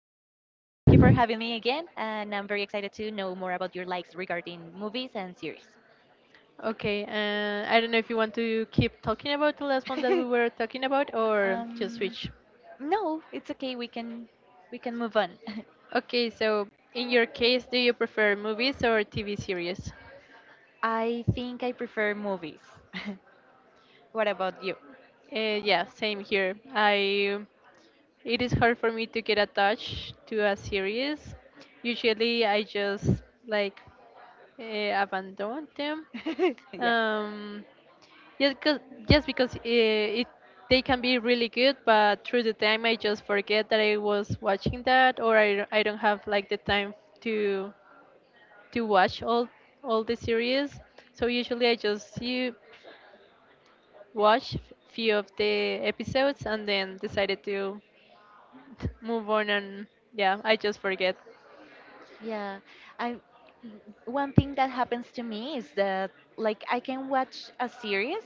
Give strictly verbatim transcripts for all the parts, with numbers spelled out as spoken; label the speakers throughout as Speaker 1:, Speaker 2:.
Speaker 1: again. And I'm very excited to know more about your likes regarding movies and series.
Speaker 2: Okay, uh, I don't know if you want to keep talking about the last one that we were talking about or just
Speaker 1: um,
Speaker 2: switch.
Speaker 1: no, it's okay. We can we can move on.
Speaker 2: Okay, so in your case, do you prefer movies or T V series?
Speaker 1: I think I prefer movies. What about you?
Speaker 2: Uh, yeah, same here. I It is hard for me to get attached to a series. Usually, I just like uh, abandon them.
Speaker 1: Yeah.
Speaker 2: Um, just because just because uh, it they can be really good, but through the time I just forget that I was watching that, or I I don't have like the time to to watch all all the series. So usually I just you. Watch a few of the episodes and then decided to move on and yeah, I just forget.
Speaker 1: Yeah, I one thing that happens to me is that, like, I can watch a series,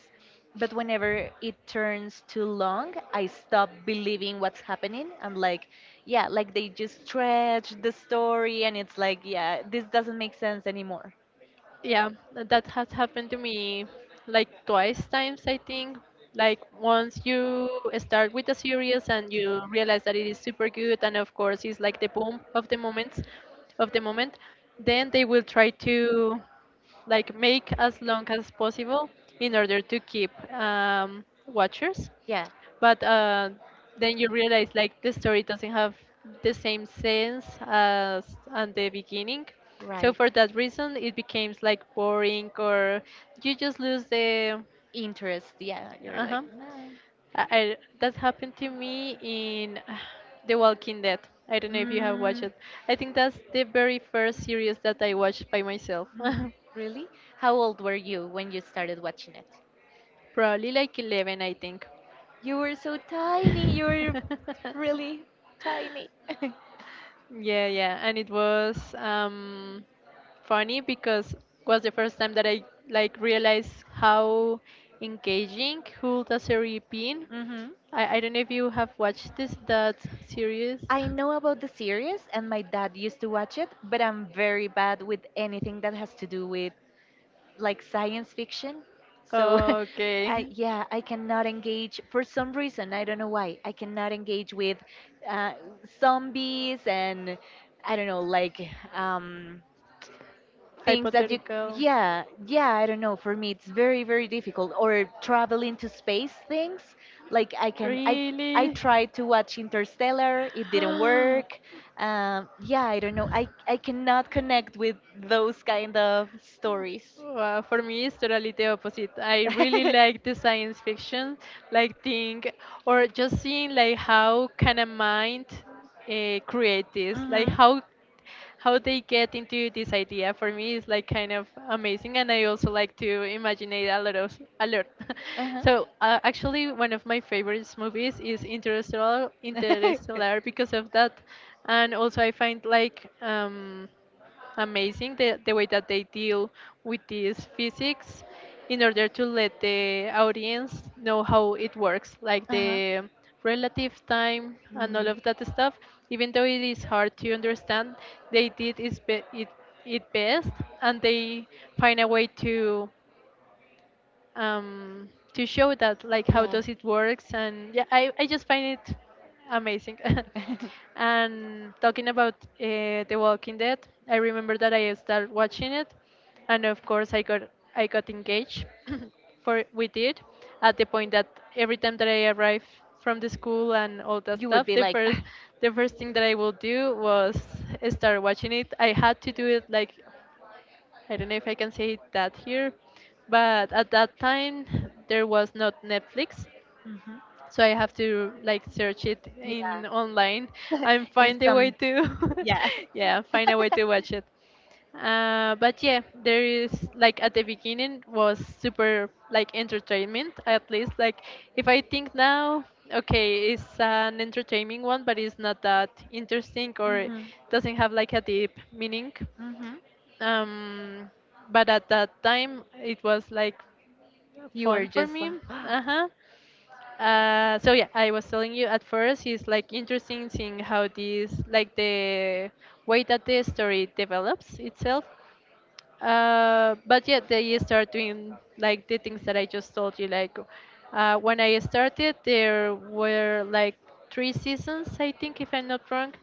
Speaker 1: but whenever it turns too long, I stop believing what's happening. I'm like, yeah, like they just stretch the story, and it's like, yeah, this doesn't make sense anymore.
Speaker 2: Yeah, that has happened to me like twice times I think. Like once you start with a series and you realize that it is super good and of course it's like the boom of the moments of the moment, then they will try to like make as long as possible in order to keep um, watchers
Speaker 1: Yeah.
Speaker 2: but uh, then you realize like the story doesn't have the same sense as at the beginning, so
Speaker 1: Right.
Speaker 2: for that reason it becomes like boring or you just lose the.
Speaker 1: Interest, yeah. You're like,
Speaker 2: Uh-huh.
Speaker 1: nah.
Speaker 2: I, I, that happened to me in uh, The Walking Dead. I don't know if you have watched
Speaker 1: Mm,
Speaker 2: it. I think that's the very first series that I watched by myself.
Speaker 1: mm, really? How old were you when you started watching it?
Speaker 2: Probably like eleven, I think.
Speaker 1: You were so tiny. You were really tiny.
Speaker 2: Yeah, yeah, and it was um, funny because was the first time that I like realized how engaging could a series been.
Speaker 1: Mm-hmm.
Speaker 2: I, I don't know if you have watched this that series.
Speaker 1: I know about the series, and my dad used to watch it, but I'm very bad with anything that has to do with, like, science fiction. So, I,
Speaker 2: Okay,
Speaker 1: yeah, I cannot engage for some reason. I don't know why. I cannot engage with uh, zombies and I don't know, like, um, things that you—
Speaker 2: hypothetical.
Speaker 1: Yeah, yeah, I don't know, for me it's very, very difficult, or traveling to space things, like I can I I
Speaker 2: Really?
Speaker 1: tried to watch Interstellar. It didn't work. Um, yeah, I don't know, i i cannot connect with those kind of stories.
Speaker 2: Well, for me, it's totally the opposite. I really like the science fiction, like think or just seeing like how can a mind uh, create this, like
Speaker 1: Mhm.
Speaker 2: how how they get into this idea. For me, is like kind of amazing, and I also like to imagine it a lot of a lot.
Speaker 1: Uh huh.
Speaker 2: So uh, actually, one of my favorite movies is Interstellar, Interstellar because of that, and also I find like um amazing the, the way that they deal with this physics in order to let the audience know how it works, like
Speaker 1: uh huh.
Speaker 2: the relative time and all
Speaker 1: Mm.
Speaker 2: of that stuff. Even though it is hard to understand, they did is be- it, it best, and they find a way to um, to show that like how
Speaker 1: Yeah.
Speaker 2: does it works, and yeah, I, I just find it amazing. And talking about uh, The Walking Dead, I remember that I started watching it, and of course I got I got engaged for with it, at the point that every time that I arrived from the school and all that
Speaker 1: You would
Speaker 2: stuff,
Speaker 1: be
Speaker 2: the
Speaker 1: like,
Speaker 2: first
Speaker 1: "Ah,
Speaker 2: the first thing that I will do was start watching it. I had to do it like, I don't know if I can say that here, but at that time there was not Netflix,
Speaker 1: mhm,
Speaker 2: so I have to like search it in online
Speaker 1: yeah,"
Speaker 2: and
Speaker 1: in
Speaker 2: find a way
Speaker 1: some—
Speaker 2: to,
Speaker 1: Yeah.
Speaker 2: yeah, find a way to watch it. Uh, but yeah, there is like at the beginning was super like entertainment, at least like if I think now, okay, it's an entertaining one, but it's not that interesting or it
Speaker 1: Hmm,
Speaker 2: doesn't have like a deep meaning.
Speaker 1: hmm.
Speaker 2: um, but at that time it was like
Speaker 1: You were
Speaker 2: fun for
Speaker 1: just
Speaker 2: me.
Speaker 1: like—
Speaker 2: Uh-huh. Uh, so yeah, I was telling you at first it's like interesting seeing how this like the way that the story develops itself. Uh, but yeah, they start doing like the things that I just told you. Like uh, when I started, there were like three seasons, I think, if I'm not wrong,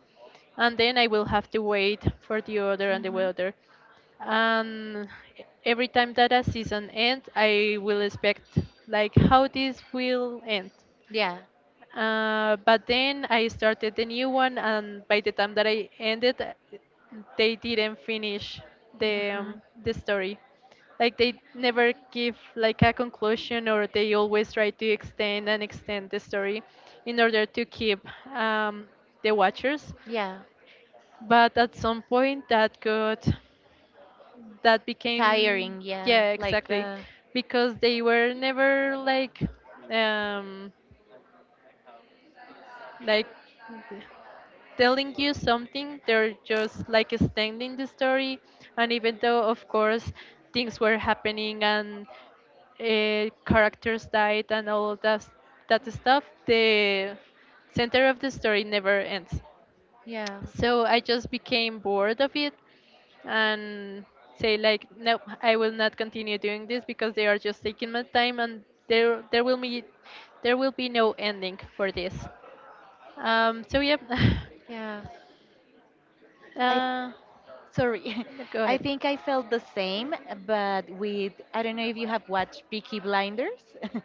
Speaker 2: and then I will have to wait for the other and the
Speaker 1: Hmm.
Speaker 2: other. And every time that a season ends, I will expect like how this will end.
Speaker 1: Yeah.
Speaker 2: Uh, but then I started the new one, and by the time that I ended, uh, they didn't finish the
Speaker 1: Hmm.
Speaker 2: um, the story. Like they never give like a conclusion, or they always try to extend and extend the story in order to keep um, the watchers.
Speaker 1: Yeah.
Speaker 2: But at some point, that got that became.
Speaker 1: Tiring. Yeah.
Speaker 2: Yeah,
Speaker 1: Like
Speaker 2: exactly,
Speaker 1: the—
Speaker 2: because they were never like um like th- telling you something, they're just like extending the story, and even though of course things were happening and uh, characters died and all that that stuff, the center of the story never ends,
Speaker 1: Yeah.
Speaker 2: so I just became bored of it, and say like no, I will not continue doing this because they are just taking my time, and there there will be there will be no ending for this. Um, so yep.
Speaker 1: Yeah, I
Speaker 2: Uh,
Speaker 1: sorry,
Speaker 2: go
Speaker 1: I
Speaker 2: ahead.
Speaker 1: think I felt the same, but with— I don't know if you have watched Peaky Blinders.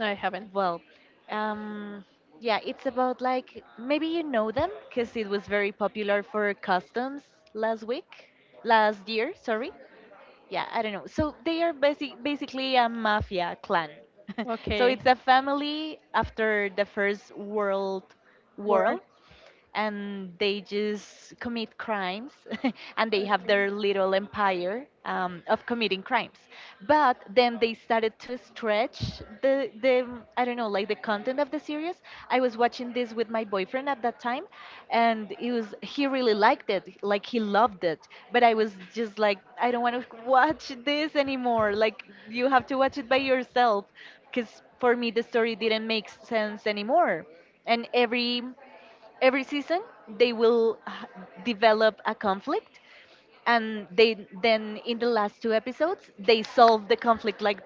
Speaker 2: No, I haven't.
Speaker 1: Well, um, yeah, it's about, like, maybe you know them because it was very popular for customs last week, last year. Sorry. Yeah, I don't know. So they are basic, basically a mafia clan. So
Speaker 2: Okay.
Speaker 1: it's a family after the First World
Speaker 2: Word.
Speaker 1: War, and they just commit crimes, and they have
Speaker 2: Okay.
Speaker 1: their little empire, um, of committing crimes. But then they started to stretch the— the I don't know, like the content of the series. I was watching this with my boyfriend at that time, and it was he really liked it, like he loved it, but I was just like, I don't want to watch this anymore, like you have to watch it by yourself, because for me the story didn't make sense anymore. And every every season they will h- develop a conflict, and they then in the last two episodes they solve the conflict, like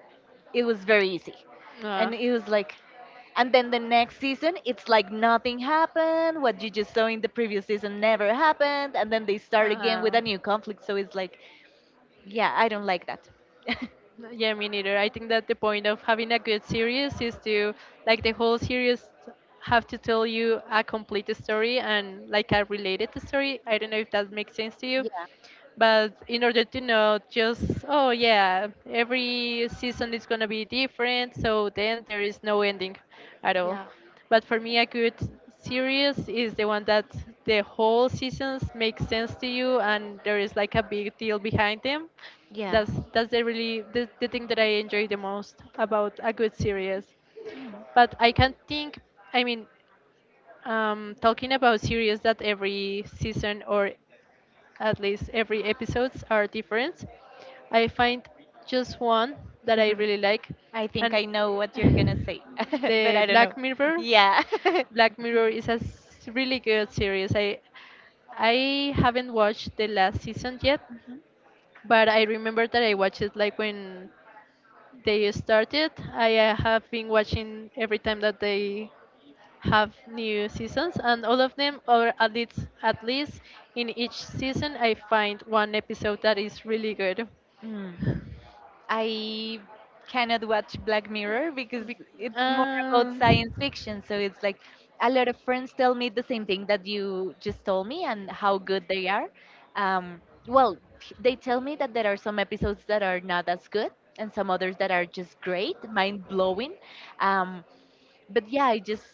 Speaker 1: it was very easy.
Speaker 2: Uh,
Speaker 1: And it was like— and then the next season it's like nothing happened, what you just saw in the previous season never happened. And then they start again
Speaker 2: uh,
Speaker 1: with a new conflict, so it's like, yeah, I don't like that.
Speaker 2: yeah, me neither. I think that the point of having a good series is to like the whole series have to tell you a complete story and like a related story. I don't know if that makes sense to you,
Speaker 1: Yeah.
Speaker 2: but in order to not just, oh yeah, every season is going to be different, so then there is no ending at all.
Speaker 1: Yeah.
Speaker 2: But for me, a good series is the one that the whole seasons make sense to you and there is like a big deal behind them.
Speaker 1: Yeah.
Speaker 2: That's that's the really the, the thing that I enjoy the most about a good series,
Speaker 1: Mm.
Speaker 2: but I can think. I mean, um, talking about series that every season or at least every episodes are different. I find just one that I really like,
Speaker 1: I think
Speaker 2: and
Speaker 1: I know what you're gonna say, but
Speaker 2: the
Speaker 1: I don't know.
Speaker 2: Black Mirror.
Speaker 1: Yeah.
Speaker 2: Black Mirror is a s- really good series. I I haven't watched the last season yet,
Speaker 1: Mhm.
Speaker 2: but I remember that I watched it like when they started. I uh, have been watching every time that they have new seasons, and all of them, or at least at least in each season, I find one episode that is really good.
Speaker 1: Mm. I cannot watch Black Mirror because
Speaker 2: Be-
Speaker 1: it's more about
Speaker 2: um,
Speaker 1: science fiction. So it's like, a lot of friends tell me the same thing that you just told me, and how good they are. Um, well, they tell me that there are some episodes that are not as good, and some others that are just great, mind blowing. Um, but yeah, I just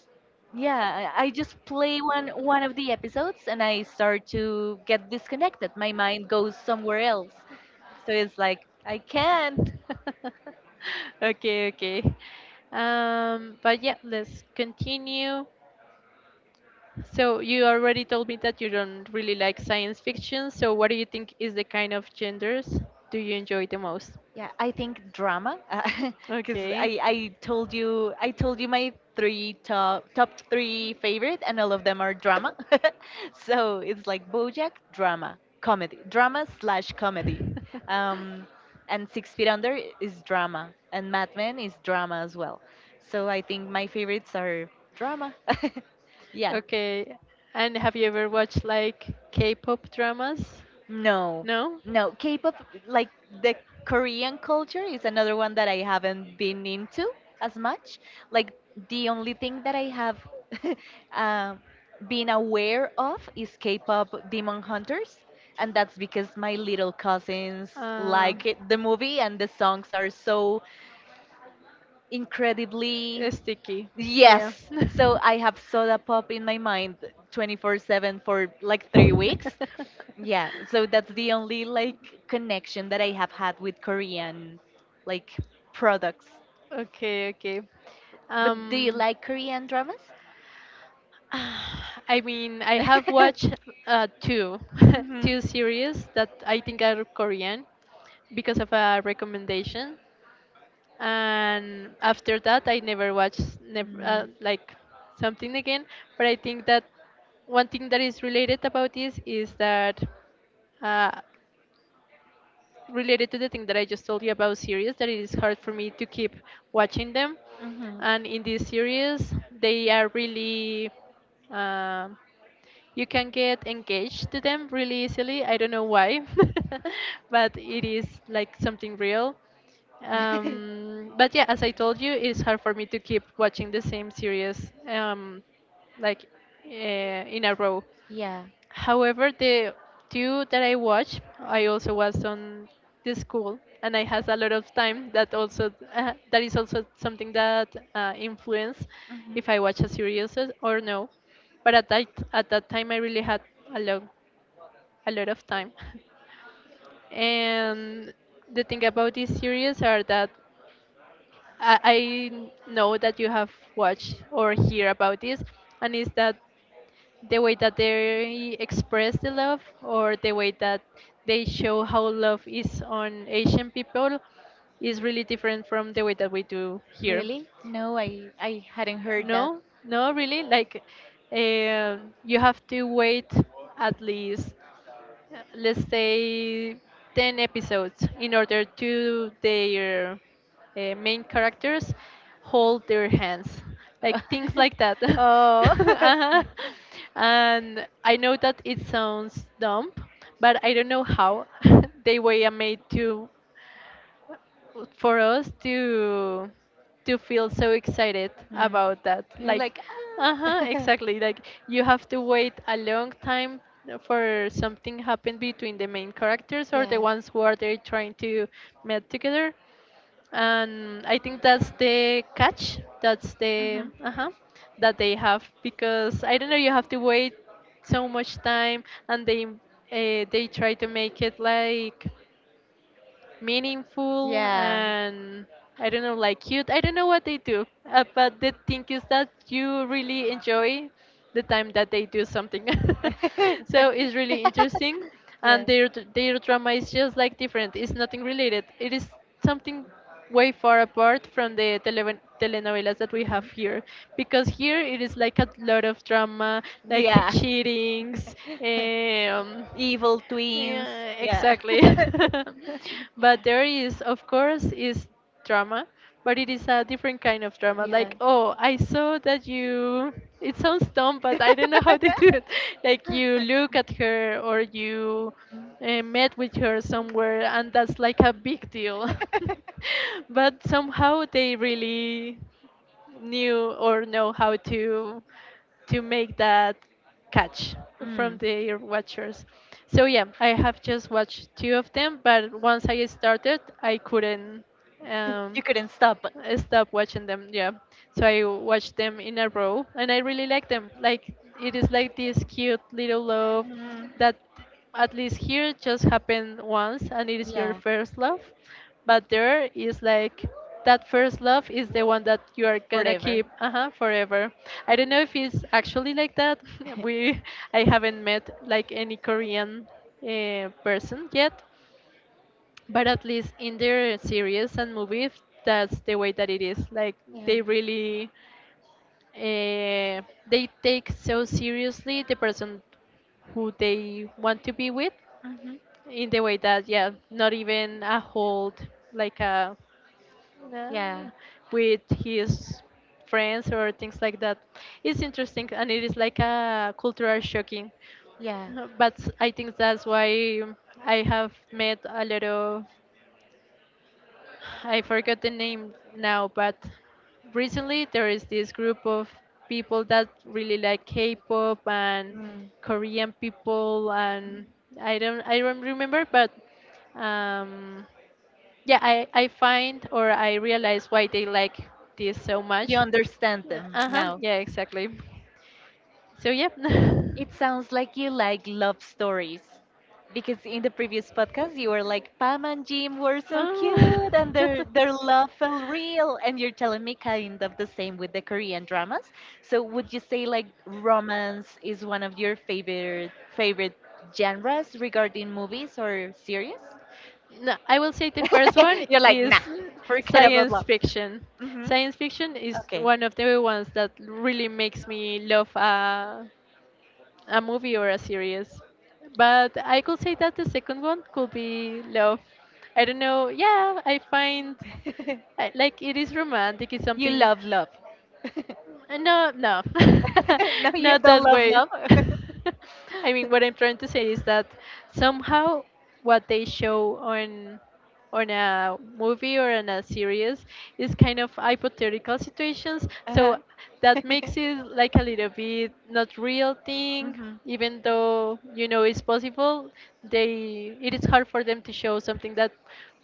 Speaker 1: yeah, I I just play one one of the episodes, and I start to get disconnected. My mind goes somewhere else. So it's like, I can't.
Speaker 2: okay, okay. Um, but yeah, let's continue. So you already told me that you don't really like science fiction. So what do you think is the kind of genders do you enjoy the most?
Speaker 1: Yeah, I think drama, because I,
Speaker 2: Okay.
Speaker 1: I told you I told you my three top top three favorite, and all of them are drama. So it's like, BoJack drama, comedy, drama slash comedy, um, and Six Feet Under is drama, and Mad Men is drama as well. So I think my favorites are drama. Yeah.
Speaker 2: Okay. And have you ever watched like K-pop dramas?
Speaker 1: No,
Speaker 2: No?
Speaker 1: no. K-pop, like the Korean culture, is another one that I haven't been into as much. Like, the only thing that I have um been aware of is K-pop Demon Hunters, and that's because my little cousins
Speaker 2: Uh,
Speaker 1: like it, the movie, and the songs are so incredibly—
Speaker 2: it's sticky. Yeah.
Speaker 1: Yes. So I have soda pop in my mind twenty-four seven for like three weeks, yeah, so that's the only like connection that I have had with Korean, like, products.
Speaker 2: Okay, okay.
Speaker 1: But do you
Speaker 2: Um,
Speaker 1: like Korean dramas?
Speaker 2: Ah, I mean, I have
Speaker 1: Mm-hmm.
Speaker 2: watched uh, two two series that I think are Korean because of a recommendation, and after that I never watched never uh,
Speaker 1: Mm.
Speaker 2: like something again. But I think that one thing that is related about this is that uh, related to the thing that I just told you about series that it is hard for me to keep watching them. And in this series, they are really um, you can get engaged to them really easily. I don't know why, but it is like something real.
Speaker 1: Mm-hmm.
Speaker 2: Um, but yeah, as I told you, it's hard for me to keep watching the same series um, like uh, in a row.
Speaker 1: Yeah.
Speaker 2: However, the two that I watched, I also was on the school, and I has a lot of time. That also uh, that is also something that uh, influence
Speaker 1: Mhm.
Speaker 2: if I watch a series or or no. But at that at that time, I really had a lot a lot of time. And the thing about these series are that I, I know that you have watched or hear about this, and is that the way that they express the love or the way that they show how love is on Asian people is really different from the way that we do here.
Speaker 1: Really? No, I I hadn't heard that.
Speaker 2: No, no, really. Like, um you have to wait at least uh, let's say ten episodes in order to their uh, main characters hold their hands, like things like that.
Speaker 1: Oh.
Speaker 2: Uh-huh. And I know that it sounds dumb, but I don't know how they were made to, for us to to feel so excited
Speaker 1: Mm.
Speaker 2: about that,
Speaker 1: You're
Speaker 2: like
Speaker 1: like,
Speaker 2: uh-huh,
Speaker 1: ah.
Speaker 2: exactly, like you have to wait a long time for something happen between the main characters or
Speaker 1: Yeah.
Speaker 2: the ones who are they trying to met together. And I think that's the catch, that's the uh-huh that they have, because I don't know, you have to wait so much time, and they uh, they try to make it like meaningful
Speaker 1: Yeah.
Speaker 2: and I don't know, like cute. I don't know what they do, uh, but the thing is that you really enjoy the time that they do something. So it's really interesting,
Speaker 1: Yeah.
Speaker 2: and their dr- their drama is just like different. It's nothing related. It is something way far apart from the televen- telenovelas that we have here because here it is like a lot of drama like
Speaker 1: Yeah.
Speaker 2: cheatings um
Speaker 1: Evil twins.
Speaker 2: yeah,
Speaker 1: Yeah.
Speaker 2: exactly. But there is, of course, is drama, but it is a different kind of drama.
Speaker 1: Yeah.
Speaker 2: Like, oh, I saw that you. It sounds dumb, but I don't know how to do it. Like you look at her, or you uh, met with her somewhere, and that's like a big deal. But somehow they really knew or know how to to make that catch
Speaker 1: Mm.
Speaker 2: from
Speaker 1: Mm.
Speaker 2: the watchers. So yeah, I have just watched two of them, but once I started, I couldn't.
Speaker 1: You
Speaker 2: Um,
Speaker 1: couldn't stop. But—
Speaker 2: Stop watching them. Yeah, so I watched them in a row, and I really like them. Like it is like this cute little love
Speaker 1: Mm.
Speaker 2: that at least here just happened once, and it is your
Speaker 1: Yeah.
Speaker 2: first love. But there is like that first love is the one that you are gonna keep,
Speaker 1: Forever.
Speaker 2: uh-huh, forever. I don't know if it's actually like that. we I haven't met like any Korean uh, person yet, but at least in their series and movies that's the way that it is like
Speaker 1: Yeah.
Speaker 2: they really uh, they take so seriously the person who they want to be with
Speaker 1: Hmm.
Speaker 2: in the way that yeah not even a hold like a uh,
Speaker 1: Yeah.
Speaker 2: with his friends or things like that. It's interesting and it is like a cultural shocking.
Speaker 1: Yeah.
Speaker 2: Uh, but I think that's why I have met a lot of, I forgot the name now, but recently there is this group of people that really like K-pop and
Speaker 1: Mm.
Speaker 2: Korean people, and I don't I don't remember, but um, yeah, I I find or I realize why they like this so
Speaker 1: You
Speaker 2: much.
Speaker 1: understand them
Speaker 2: Uh huh.
Speaker 1: now.
Speaker 2: Yeah, exactly. So yeah.
Speaker 1: It sounds like you like love stories. Because in the previous podcast, you were like, Pam and Jim were so
Speaker 2: Oh.
Speaker 1: cute and their, their love felt real. And you're telling me kind of the same with the Korean dramas. So would you say, like, romance is one of your favorite favorite genres regarding movies or series?
Speaker 2: No, I will say the first one
Speaker 1: You're like,
Speaker 2: is
Speaker 1: nah, forget about
Speaker 2: science
Speaker 1: love.
Speaker 2: fiction.
Speaker 1: Hmm.
Speaker 2: Science fiction is
Speaker 1: Okay.
Speaker 2: one of the ones that really makes me love a, a movie or a series. But I could say that the second one could be love. I don't know. Yeah, I find, I, like it is romantic. It's
Speaker 1: You
Speaker 2: something.
Speaker 1: love love.
Speaker 2: Uh, No, no,
Speaker 1: No, you
Speaker 2: not
Speaker 1: don't
Speaker 2: that
Speaker 1: love
Speaker 2: way.
Speaker 1: love.
Speaker 2: I mean, what I'm trying to say is that somehow what they show on on a movie or on a series is kind of hypothetical situations,
Speaker 1: Uh-huh.
Speaker 2: so that makes it like a little bit not real thing.
Speaker 1: Mm-hmm.
Speaker 2: Even though you know it's possible, they it is hard for them to show something that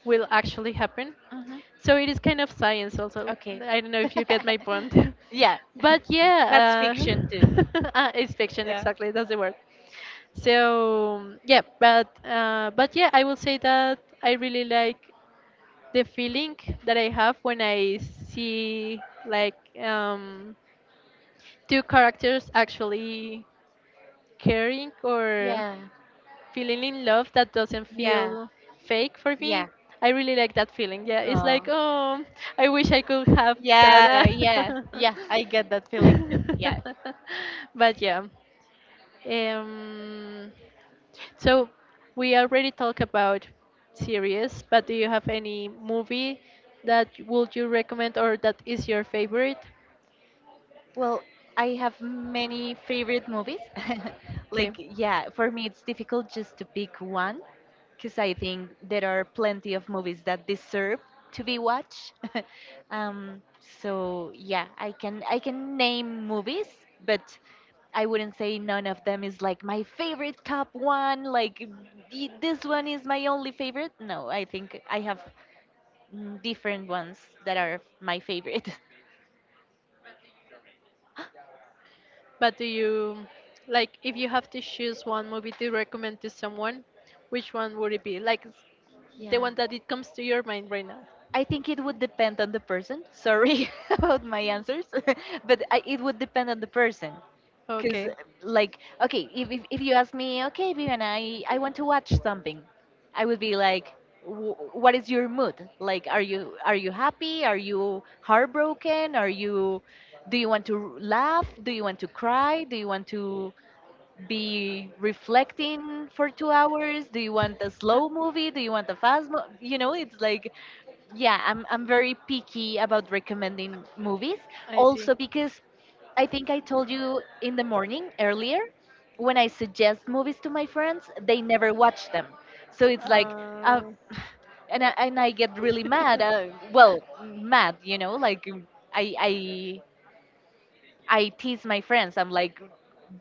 Speaker 2: will actually happen.
Speaker 1: Mm-hmm.
Speaker 2: So it is kind of science also.
Speaker 1: Okay.
Speaker 2: I don't know if you get my point.
Speaker 1: Yeah.
Speaker 2: But yeah,
Speaker 1: That's fiction too.
Speaker 2: uh, uh, it's fiction
Speaker 1: Yeah.
Speaker 2: exactly. That's the word. So yeah, but uh, but yeah, I will say that I really like the feeling that I have when I see like um, two characters actually caring or
Speaker 1: Yeah.
Speaker 2: feeling in love that doesn't
Speaker 1: Yeah.
Speaker 2: feel fake for
Speaker 1: Yeah.
Speaker 2: me. I really like that feeling. Yeah, it's like,
Speaker 1: Oh.
Speaker 2: oh, I wish I could have that.
Speaker 1: Yeah, yeah, yeah. I get that feeling too. Yeah.
Speaker 2: But yeah. Um, so we already talked about series, but do you have any movie that would you recommend or that is your favorite?
Speaker 1: Well, I have many favorite movies.
Speaker 2: Okay.
Speaker 1: Like, yeah, for me it's difficult just to pick one, because I think there are plenty of movies that deserve to be watched. um, so yeah, I can I can name movies, but I wouldn't say none of them is like my favorite top one. Like, "Y- This one is my only favorite." No, I think I have, mm, different ones that are my favorite.
Speaker 2: But do you like if you have to choose one movie to recommend to someone, which one would it be? Like s- the
Speaker 1: Yeah.
Speaker 2: one that it comes to your mind right now.
Speaker 1: I think it would depend on the person. Sorry about my answers, but I, it would depend on the person. Because,
Speaker 2: Okay,
Speaker 1: like, okay, if, if, if you ask me, okay, Vivian, I, I want to watch something, I would be like, "Wh- what is your mood? Like, are you are you happy? Are you heartbroken? Are you, do you want to laugh? Do you want to cry? Do you want to be reflecting for two hours? Do you want a slow movie? Do you want a fast mo You know, it's like, yeah, I'm I'm very picky about recommending movies."
Speaker 2: I see.
Speaker 1: Also because I think I told you in the morning earlier, when I suggest movies to my friends, they never watch them. So it's like, uh,
Speaker 2: Uh,
Speaker 1: and I, and I get really mad. Uh, well, mad, you know, like, um, I I I tease my friends. I'm like,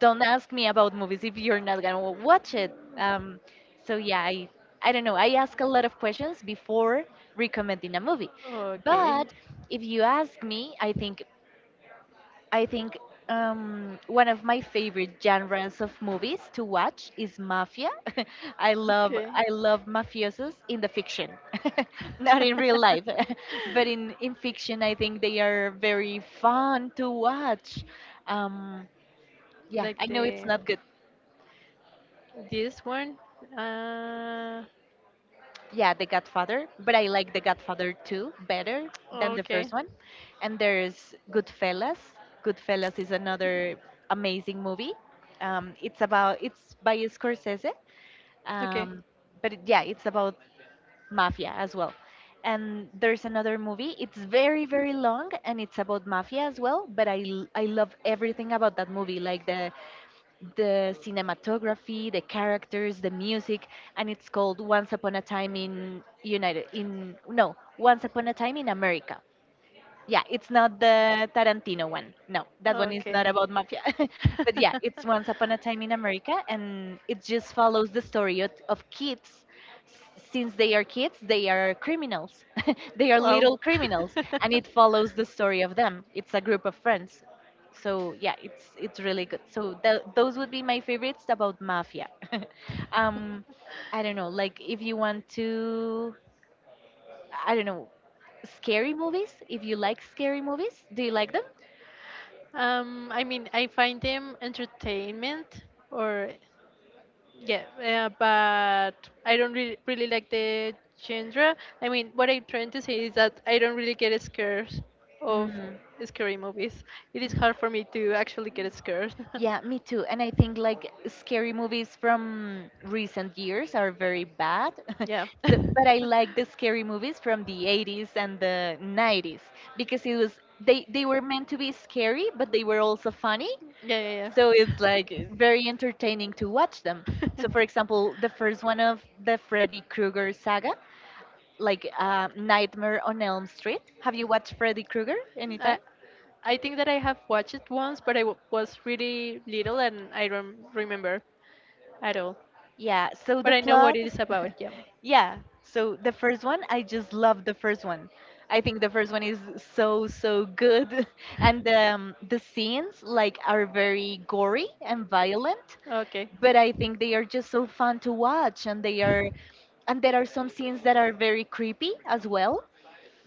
Speaker 1: don't ask me about movies if you're not gonna watch it. Um, so yeah, I I don't know. I ask a lot of questions before recommending a movie,
Speaker 2: okay,
Speaker 1: but if you ask me, I think— I think um, one of my favorite genres of movies to watch is mafia. I love
Speaker 2: okay.
Speaker 1: I love mafiosos in the fiction, not in real life, but in in fiction I think they are very fun to watch. Um, yeah,
Speaker 2: Like
Speaker 1: I know it's
Speaker 2: the
Speaker 1: not good.
Speaker 2: this one. Uh,
Speaker 1: Yeah, The Godfather, but I like The Godfather two better than the
Speaker 2: okay,
Speaker 1: first one. And there's Goodfellas. Goodfellas is another amazing movie. Um, it's about it's by Scorsese,
Speaker 2: okay.
Speaker 1: um, but it- yeah, it's about mafia as well. And there's another movie. It's very, very long, and it's about mafia as well. But I l- I love everything about that movie, like the the cinematography, the characters, the music, and it's called Once Upon a Time in United, in— no, Once Upon a Time in America. Yeah, it's not the Tarantino one. No, that one is not
Speaker 2: Okay.
Speaker 1: about mafia. But yeah, it's Once Upon a Time in America, and it just follows the story of, of kids. S- Since they are kids, they are criminals. They are
Speaker 2: Wow.
Speaker 1: little criminals, and it follows the story of them. It's a group of friends. So yeah, it's it's really good. So th those would be my favorites about mafia. um, I don't know, like, if you want to— I don't know, scary movies. If you like scary movies, do you like them?
Speaker 2: um, I mean, I find them entertainment or, yeah, uh, but I don't really, really like the genre. I mean, what I'm trying to say is that I don't really get scared of
Speaker 1: Mm.
Speaker 2: scary movies. It is hard for me to actually get scared.
Speaker 1: Yeah, me too. And I think like scary movies from recent years are very bad.
Speaker 2: Yeah.
Speaker 1: So, but I like the scary movies from the eighties and the nineties, because it was they they were meant to be scary, but they were also funny.
Speaker 2: Yeah,
Speaker 1: So it's
Speaker 2: yeah,
Speaker 1: like very entertaining to watch them. So for example, the first one of the Freddy Krueger saga, like, uh, Nightmare on Elm Street. Have
Speaker 2: yeah.
Speaker 1: you watched Freddy Krueger
Speaker 2: I
Speaker 1: anytime?
Speaker 2: I think that I have watched it once, but I w- was really little and I don't remember at all.
Speaker 1: Yeah, so the
Speaker 2: But I know what
Speaker 1: plot—
Speaker 2: it is about. Yeah.
Speaker 1: yeah, so the first one, I just love the first one. I think the first one is so, so good. And um, the scenes like are very gory and violent,
Speaker 2: Okay.
Speaker 1: but I think they are just so fun to watch and they are and there are some scenes that are very creepy as well.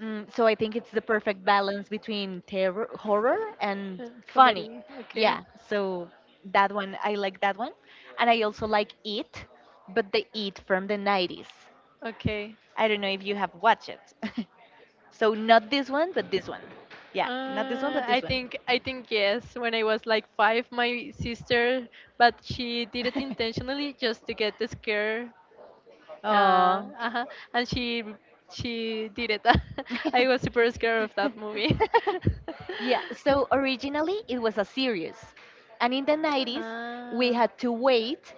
Speaker 1: Mm, so I think it's the perfect balance between terror, horror, and
Speaker 2: Uh,
Speaker 1: funny.
Speaker 2: Comedy. Okay.
Speaker 1: Yeah, so that one, I like that one. And I also like It, but the It from the nineties.
Speaker 2: Okay.
Speaker 1: I don't know if you have watched it. So not this one, but this one. Yeah, not this one, but
Speaker 2: Uh,
Speaker 1: this
Speaker 2: I
Speaker 1: one.
Speaker 2: think, I think yes. When I was like five, my sister, but she did it intentionally just to get the scare. Uh,
Speaker 1: Oh,
Speaker 2: uh-huh. And she she did it. I was super scared of that movie.
Speaker 1: yeah, so originally it was a series. And in the nineties, we
Speaker 2: Ah,
Speaker 1: had to wait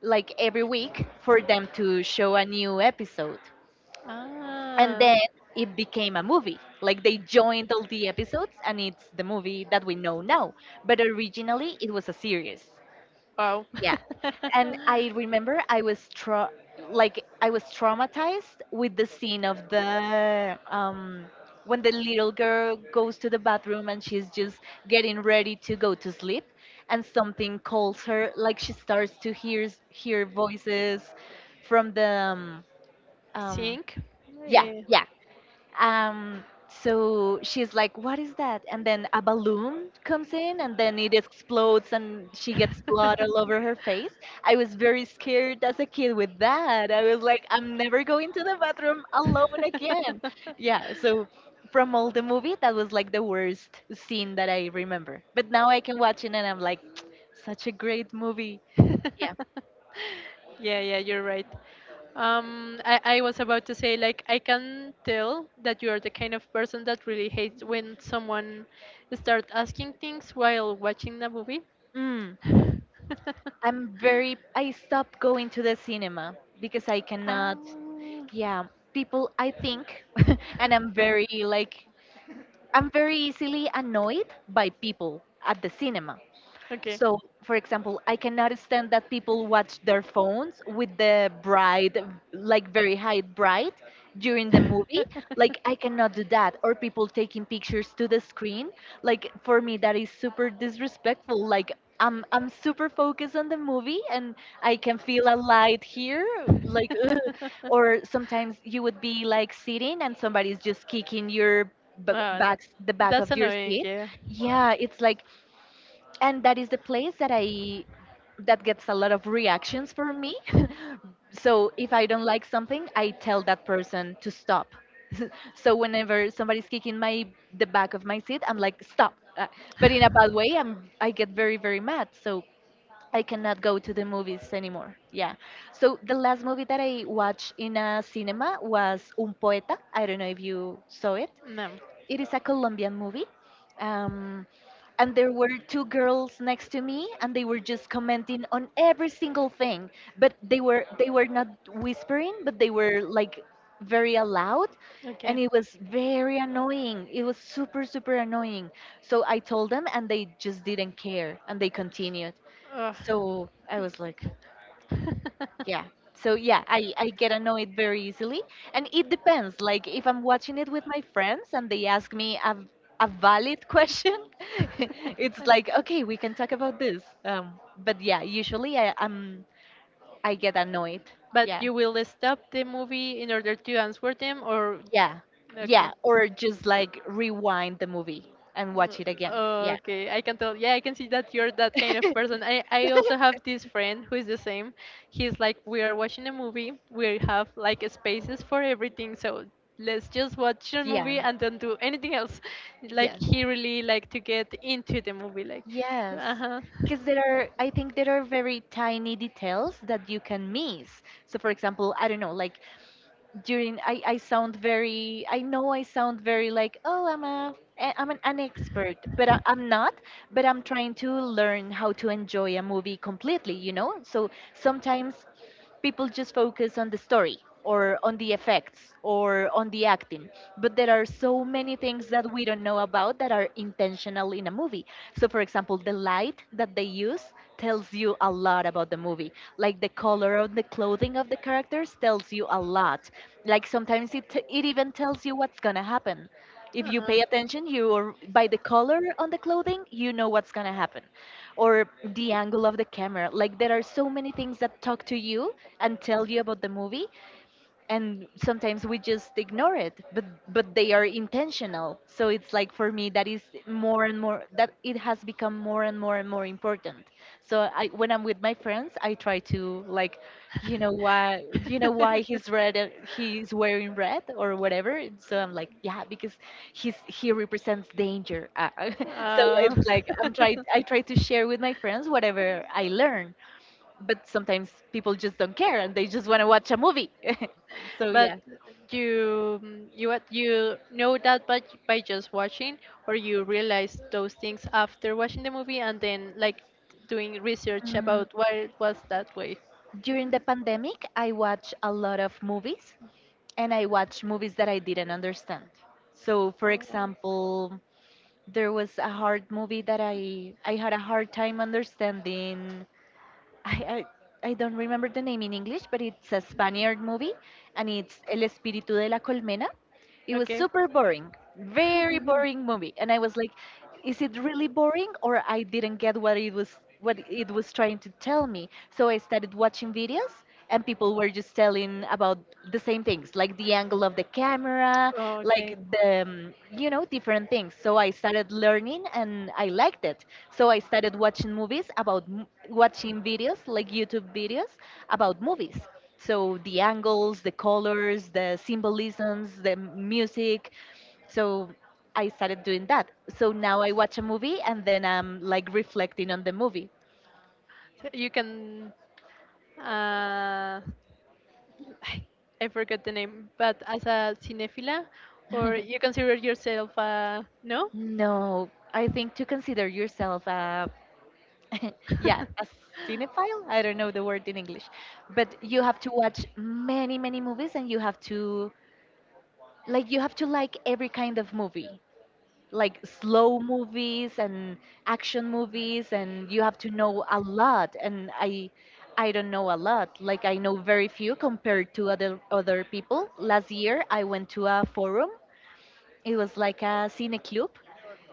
Speaker 1: like every week for them to show a new episode. And
Speaker 2: ah,
Speaker 1: then it became a movie. Like they joined all the episodes and it's the movie that we know now. But originally it was a series.
Speaker 2: wow.
Speaker 1: Yeah. And I remember I was tra- like I was traumatized with the scene of the um when the little girl goes to the bathroom and she's just getting ready to go to sleep and something calls her, like she starts to hear hear voices from the um, um
Speaker 2: Sink.
Speaker 1: yeah,
Speaker 2: Eh,
Speaker 1: yeah, um, so she's like, "What is that?" And then a balloon comes in, and then it explodes, and she gets blood all over her face. I was very scared as a kid with that. I was like, "I'm never going to the bathroom alone again." Yeah. So from all the movie, that was like the worst scene that I remember. But now I can watch it, and I'm like, "Such a great movie." Yeah.
Speaker 2: Yeah, yeah, you're right. Um, I, I was about to say, like, I can tell that you are the kind of person that really hates when someone start asking things while watching the movie.
Speaker 1: Mm.
Speaker 2: um,
Speaker 1: I'm very. I stopped going to the cinema because I cannot. Yeah, people, I think and I'm very like, I'm very easily annoyed by people at the cinema.
Speaker 2: okay.
Speaker 1: So, for example, I cannot stand that people watch their phones with the bright, like very high bright during the movie. Like, I cannot do that. Or people taking pictures to the screen. Like, for me, that is super disrespectful. Like, I'm, I'm super focused on the movie and I can feel a light here. Like, ugh. Or sometimes you would be like sitting and somebody's just kicking your
Speaker 2: Oh,
Speaker 1: b-
Speaker 2: that,
Speaker 1: back, the back
Speaker 2: that's the
Speaker 1: of your
Speaker 2: annoying, movie.
Speaker 1: seat.
Speaker 2: Yeah. Yeah.
Speaker 1: Yeah, it's like, and that is the place that I that gets a lot of reactions from me. So if I don't like something, I tell that person to stop. So whenever somebody's kicking my, the back of my seat, I'm like, stop. Uh, but in a bad way. I'm, I get very, very mad. So I cannot go to the movies anymore. Yeah. So the last movie that I watched in a cinema was Un Poeta, I don't know if you saw it.
Speaker 2: No.
Speaker 1: It is a Colombian movie. Um, and there were two girls next to me and they were just commenting on every single thing, but they were they were not whispering, but they were like very loud.
Speaker 2: Okay.
Speaker 1: And it was very annoying, it was super, super annoying. So I told them and they just didn't care and they continued.
Speaker 2: Ugh.
Speaker 1: So I was like, yeah. So yeah, I, I get annoyed very easily. And it depends. Like if I'm watching it with my friends and they ask me a, a valid question, it's like, okay, we can talk about this. Um, but yeah, usually I, um I get annoyed.
Speaker 2: But
Speaker 1: Yeah.
Speaker 2: you will stop the movie in order to answer them, or
Speaker 1: Yeah.
Speaker 2: okay.
Speaker 1: Yeah. Or just like rewind the movie and
Speaker 2: Mm.
Speaker 1: watch it again. Yeah.
Speaker 2: Okay, I can tell. Yeah, I can see that you're that kind of person. I, I also have this friend who is the same. He's like, we are watching a movie. We have like spaces for everything. So let's just watch a
Speaker 1: Yeah.
Speaker 2: movie and don't do anything else. Like
Speaker 1: Yeah.
Speaker 2: he really like to get into the movie. Like,
Speaker 1: Yes,
Speaker 2: uh huh.
Speaker 1: because there are, I think there are very tiny details that you can miss. So, for example, I don't know, like during, I, I sound very, I know I sound very like, oh, I'm a, eh, I'm an, an expert, but I, I'm not, but I'm trying to learn how to enjoy a movie completely, you know? So sometimes people just focus on the story, or on the effects, or on the acting, but there are so many things that we don't know about that are intentional in a movie. So for example, the light that they use tells you a lot about the movie. Like the color of the clothing of the characters tells you a lot. Like sometimes it, it even tells you what's gonna happen. If you
Speaker 2: Uh-huh.
Speaker 1: pay attention, you, or by the color on the clothing, you know what's going to happen. Or the angle of the camera, like there are so many things that talk to you and tell you about the movie. And sometimes we just ignore it, but but they are intentional. So it's like for me, that is more and more, that it has become more and more and more important. So I, when I'm with my friends, I try to like, you know why, you know why he's red and he's wearing red or whatever. And so I'm like, yeah, because he's, he represents danger. Uh, so
Speaker 2: Uh,
Speaker 1: it's like i'm try I try to share with my friends whatever I learn. But sometimes people just don't care and they just want to watch a movie. So
Speaker 2: but
Speaker 1: yeah.
Speaker 2: you mm, you what you know that by by just watching, or you realize those things after watching the movie and then like doing research
Speaker 1: Mm,
Speaker 2: about why it was that way.
Speaker 1: during the pandemic, I watched a lot of movies and I watched movies that I didn't understand. So for example, there was a hard movie that I I had a hard time understanding. I, I I don't remember the name in English, but it's a Spaniard movie and it's El Espíritu de la Colmena. It was
Speaker 2: Okay.
Speaker 1: super boring, very boring movie, and I was like, is it really boring or I didn't get what it was what it was trying to tell me? So I started watching videos and people were just telling about the same things, like the angle of the camera,
Speaker 2: Okay.
Speaker 1: like the um, you know, different things. So I started learning and I liked it. So I started watching movies about m- watching videos like YouTube videos about movies. So the angles, the colors, the symbolisms, the music. So I started doing that. So now I watch a movie and then I'm like reflecting on the movie.
Speaker 2: So you can uh, I forgot the name, but as a cinephila, or you consider yourself uh, no?
Speaker 1: No, I think to consider yourself a yeah,
Speaker 2: Uh-huh.
Speaker 1: a cinephile. I don't know the word in English, but you have to watch many, many movies and you have to, like, you have to like every kind of movie. Like slow movies and action movies, and you have to know a lot, and i i don't know a lot. Like I know very few compared to other other people. Last year I went to a forum, it was like a cine club,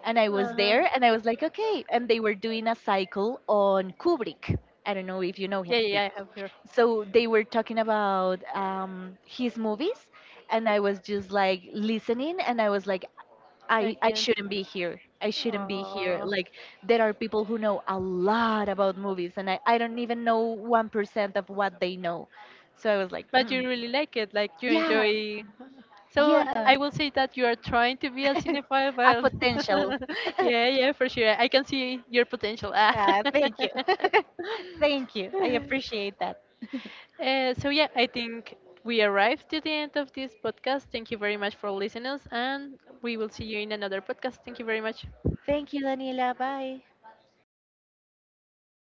Speaker 1: and I was there and I was like, okay, and they were doing a cycle on Kubrick, I don't know if you know
Speaker 2: Yeah,
Speaker 1: him. Yeah.
Speaker 2: yeah, I have heard.
Speaker 1: So they were talking about um, his movies and I was just like listening, and I was like,
Speaker 2: I
Speaker 1: I, I
Speaker 2: can't.
Speaker 1: shouldn't be here. I shouldn't be here.
Speaker 2: Oh.
Speaker 1: Like, there are people who know a lot about movies, and I, I don't even know one percent of what they know. So I was like,
Speaker 2: But
Speaker 1: mm,
Speaker 2: you really like it, like you
Speaker 1: yeah,
Speaker 2: enjoy. So I
Speaker 1: yeah,
Speaker 2: I will say that you are trying to be a cinephile,
Speaker 1: a
Speaker 2: but
Speaker 1: potential.
Speaker 2: yeah, yeah, for sure. I can see your potential. Ah.
Speaker 1: Ah, thank you. Thank you. I appreciate that.
Speaker 2: Uh, so yeah, I think we arrived to the end of this podcast. Thank you very much for listening us, and we will see you in another podcast. Thank you very much.
Speaker 1: Thank you, Daniela. Bye.